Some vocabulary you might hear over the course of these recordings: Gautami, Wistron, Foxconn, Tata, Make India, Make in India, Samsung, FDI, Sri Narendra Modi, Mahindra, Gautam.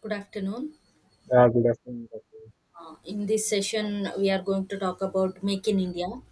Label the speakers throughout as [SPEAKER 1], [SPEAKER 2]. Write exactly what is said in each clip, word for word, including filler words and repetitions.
[SPEAKER 1] Good afternoon.
[SPEAKER 2] Yeah, good afternoon, Gautam.
[SPEAKER 1] Uh, in this session, we are going to talk about Make in India. Like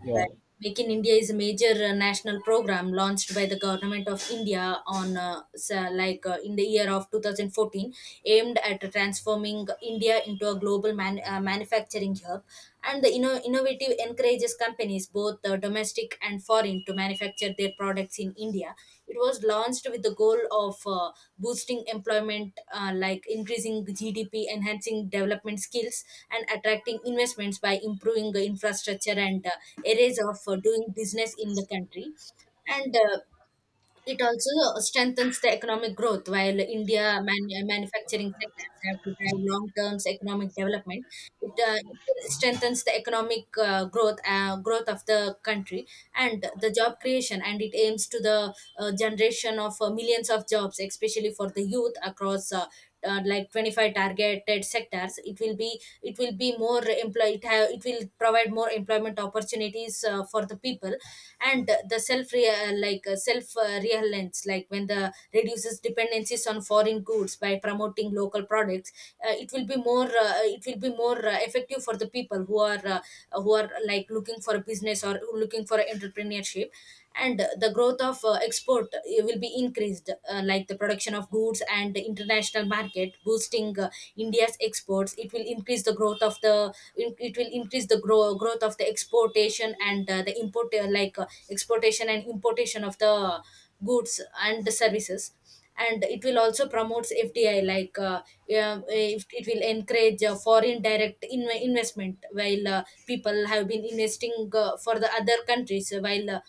[SPEAKER 2] Yeah,
[SPEAKER 1] Make in India is a major uh, national program launched by the government of India on uh, sa- like uh, in the year of twenty fourteen, aimed at transforming India into a global man- uh, manufacturing hub. And the inno- innovative encourages companies, both uh, domestic domestic and foreign, to manufacture their products in India. It was launched with the goal of uh, boosting employment, uh, like increasing G D P, enhancing development skills, and attracting investments by improving the infrastructure and uh, areas of uh, doing business in the country. And uh, It also strengthens the economic growth while India man- manufacturing sectors have to drive long-term economic development. It, uh, it strengthens the economic uh, growth uh, growth of the country and the job creation, and it aims to the uh, generation of uh, millions of jobs, especially for the youth across uh, uh, like twenty-five targeted sectors. It will be it will be more employ it, have, it will provide more employment opportunities uh, for the people and the self rea- like uh, self uh, reliance, like when the reduces dependencies on foreign goods by promoting local products, uh, it will be more uh, it will be more uh, effective for the people who are uh, who are like looking for a business or looking for entrepreneurship, and the growth of uh, export uh, will be increased, uh, like the production of goods and the international market, boosting uh, India's exports. It will increase the growth of the in- it will increase the grow, growth of the exportation and uh, the import uh, like uh, exportation and importation of the goods and the services, and it will also promotes fdi. Like uh, yeah, if it will encourage uh, foreign direct in- investment. While uh, people have been investing uh, for the other countries, while uh,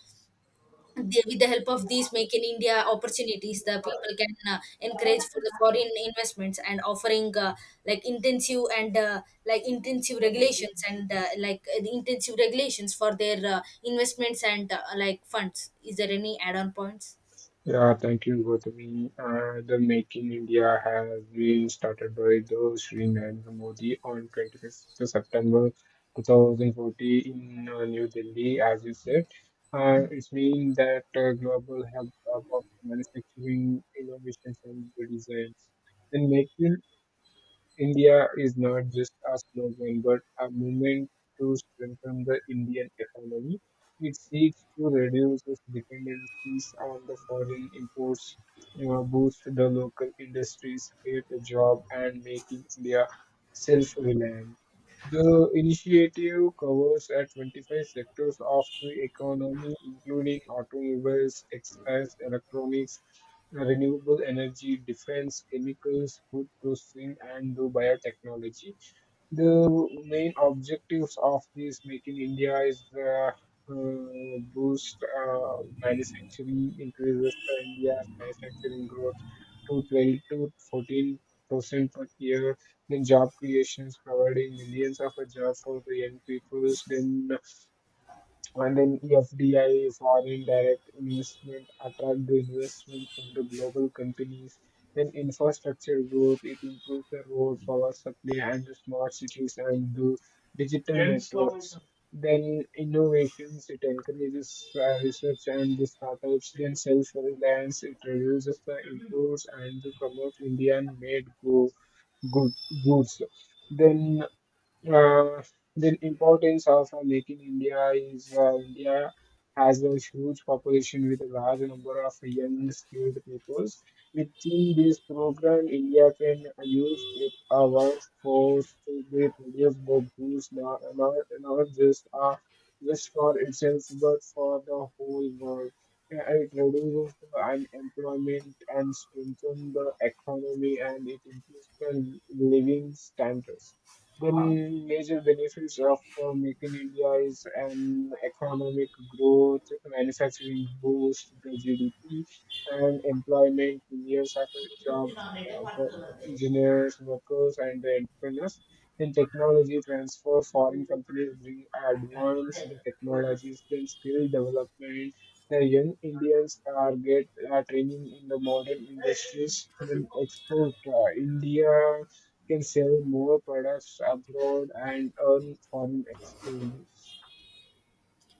[SPEAKER 1] they, with the help of these make in india opportunities, the people can uh, encourage for the foreign investments and offering uh, like intensive and uh, like intensive regulations and uh, like uh, the intensive regulations for their uh, investments and uh, like funds. Is there any add-on points?
[SPEAKER 2] yeah, thank you, Gautami. Uh, the Making India has been started by the Sri Narendra Modi on twenty-fifth of September twenty forty in uh, New Delhi, as you said. Uh, it means that uh, global hub of manufacturing, innovations, and good designs. Then Make India is not just a slogan but a movement to strengthen the Indian economy. It seeks to reduce its dependencies on the foreign imports, uh, boost the local industries, create a job, and making India self-reliant. The initiative covers at twenty-five sectors of the economy, including automobiles, textiles, electronics, renewable energy, defense, chemicals, food processing, and the biotechnology. The main objectives of this Make in India is the uh, boost uh, manufacturing, increases the India's manufacturing growth to twelve to fourteen percent per year. Then job creations, providing millions of a job for the young peoples. Then and then F D I, foreign direct investment, attract the investment from the global companies. Then infrastructure growth, it improves the road, power supply, and the smart cities and the digital Then slow networks. Down. Then innovations, it encourages uh, research and the startups. Then self-reliance, it reduces the imports and promote Indian-made go- good goods. Then uh, the importance of uh, making India is uh, India has a huge population with a large number of young skilled peoples. Within this program, India can use its uh, workforce to be produce more goods, not, not, not just uh, just for itself, but for the whole world. Uh, It reduces the unemployment and strengthens the economy, and it improves the living standards. Then major benefits of uh, making India is an economic growth, manufacturing boost the G D P, and employment years of jobs uh, for engineers, workers, and the entrepreneurs. In technology transfer, foreign companies bring advanced technologies, then skill development. The young Indians are get uh, training in the modern industries, then export uh, India can sell more products abroad and earn foreign exchanges.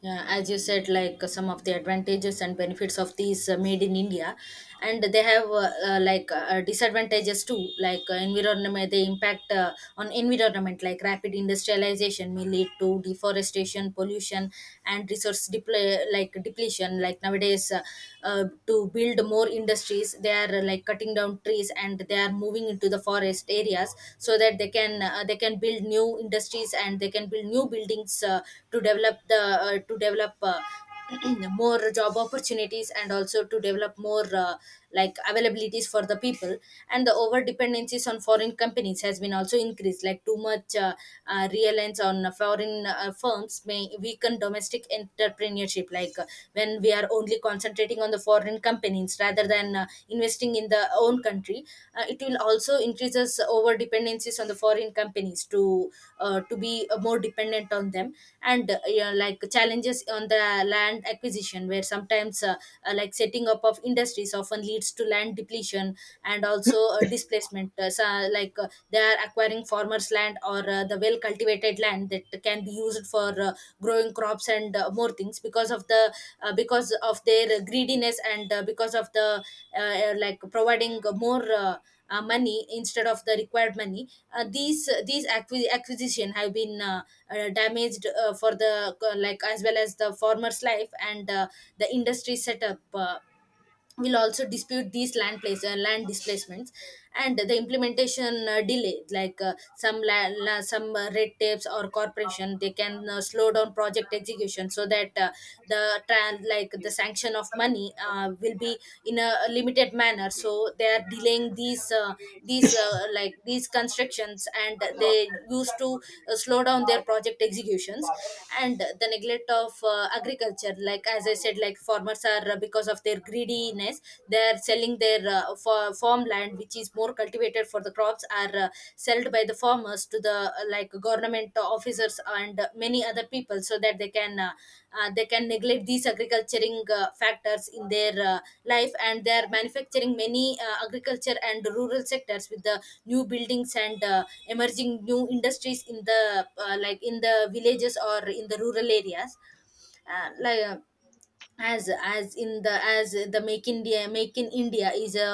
[SPEAKER 1] Yeah, as you said, like uh, some of the advantages and benefits of these uh, made in India, and they have uh, uh, like uh, disadvantages too, like uh, environment. They impact uh, on environment, like rapid industrialization may lead to deforestation, pollution, and resource depl- like depletion. Like nowadays, uh, uh, to build more industries, they are uh, like like cutting down trees and they are moving into the forest areas so that they can uh, they can build new industries and they can build new buildings uh, to develop the uh, to develop uh, more job opportunities and also to develop more uh, like availabilities for the people. And the over dependencies on foreign companies has been also increased, like too much uh, uh, real reliance on uh, foreign uh, firms may weaken domestic entrepreneurship. Like uh, when we are only concentrating on the foreign companies rather than uh, investing in the own country, uh, it will also increases over dependencies on the foreign companies to uh, to be uh, more dependent on them. And uh, Yeah, like challenges on the land acquisition, where sometimes uh, uh, like setting up of industries often leads to land depletion and also uh, displacement. Uh, so, uh, like uh, they are acquiring farmers land or uh, the well cultivated land that can be used for uh, growing crops and uh, more things, because of the uh, because of their greediness and uh, because of the uh, uh, like providing more uh, uh, money instead of the required money. Uh, these uh, these acqui- acquisition have been uh, uh, damaged uh, for the uh, like as well as the farmer's life, and uh, the industry setup uh, will also dispute these land place uh, land displacements. And the implementation uh, delay, like uh, some la- la- some uh, red tapes or corporation they can uh, slow down project execution, so that uh, the tran like the sanction of money uh, will be in a limited manner, so they are delaying these uh, these uh, like these constructions and they used to uh, slow down their project executions. And the neglect of uh, agriculture, like as I said, like farmers are are uh, because of their greediness, they are selling their uh, fa- farmland which is more cultivated for the crops are uh, sold by the farmers to the uh, like government officers and uh, many other people, so that they can uh, uh, they can neglect these agriculturing uh, factors in their uh, life, and they are manufacturing many uh, agriculture and rural sectors with the new buildings and uh, emerging new industries in the uh, like in the villages or in the rural areas. Uh, like uh, as as in the as the make india make in india is a,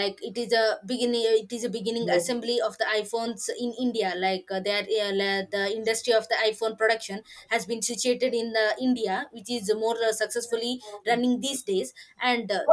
[SPEAKER 1] like, it is a beginning, it is a beginning assembly of the iphones in india. Like uh, that uh, la- the industry of the iphone production has been situated in the india, which is more uh, successfully running these days. And uh,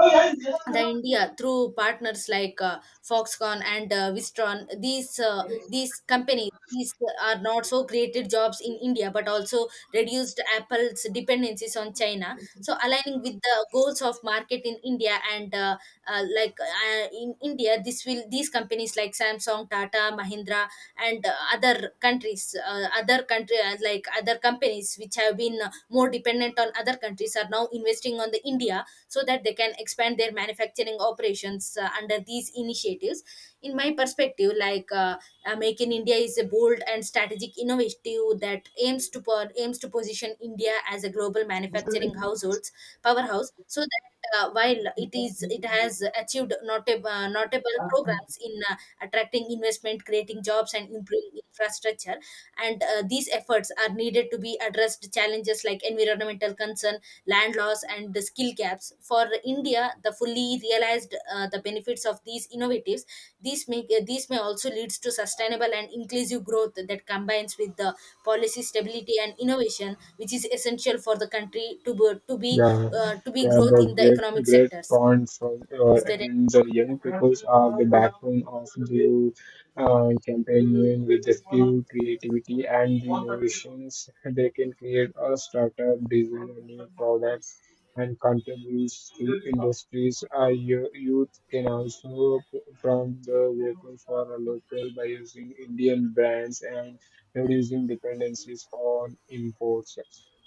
[SPEAKER 1] the India through partners like uh, Foxconn and uh, Wistron. These uh, these companies these are not so created jobs in India, but also reduced Apple's dependencies on China, so aligning with the goals of market in India. And uh, uh, like uh, In India, this will these companies like Samsung, Tata, Mahindra and uh, other countries, uh, other country, uh, like other companies which have been uh, more dependent on other countries are now investing on the india, so that they can expand their manufacturing operations uh, under these initiatives. In my perspective, like uh, uh, make in india is a bold and strategic innovative that aims to po- aims to position india as a global manufacturing households powerhouse, so that uh, while it is it has achieved notable, uh, notable programs in uh, attracting investment, creating jobs and improving infrastructure. And uh, these efforts are needed to be addressed challenges like environmental concern, land loss and the skill gaps for india the fully realized uh, the benefits of these innovatives. These may uh, these may also leads to sustainable and inclusive growth that combines with the policy stability and innovation, which is essential for the country to be, to be
[SPEAKER 2] Yeah,
[SPEAKER 1] uh, to be
[SPEAKER 2] yeah,
[SPEAKER 1] growth
[SPEAKER 2] the
[SPEAKER 1] in the economic
[SPEAKER 2] great great
[SPEAKER 1] sectors.
[SPEAKER 2] ponds for uh,
[SPEAKER 1] Is there any—
[SPEAKER 2] and the young peoples are the backbone of the uh, campaign with the skill, creativity, and the innovations. They can create a startup, design a new products, and contribute to industries. Uh, yo- youth can also p- from the local for a local by using Indian brands and reducing dependencies on imports.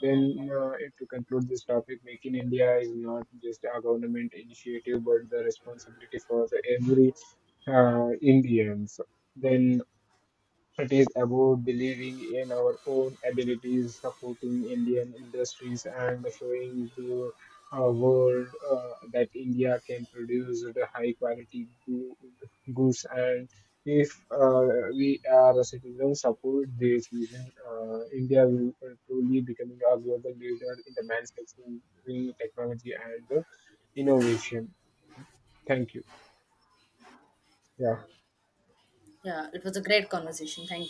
[SPEAKER 2] Then, uh, to conclude this topic, Make in India is not just a government initiative, but the responsibility for the every uh, Indians. Then it is about believing in our own abilities, supporting Indian industries, and showing the uh, world uh, that India can produce the high quality goo- goods. And if uh, we are citizens support this vision, uh, India will uh, truly becoming a global leader in the manufacturing technology and uh, innovation. Thank you. Yeah.
[SPEAKER 1] yeah, it was a great conversation, thank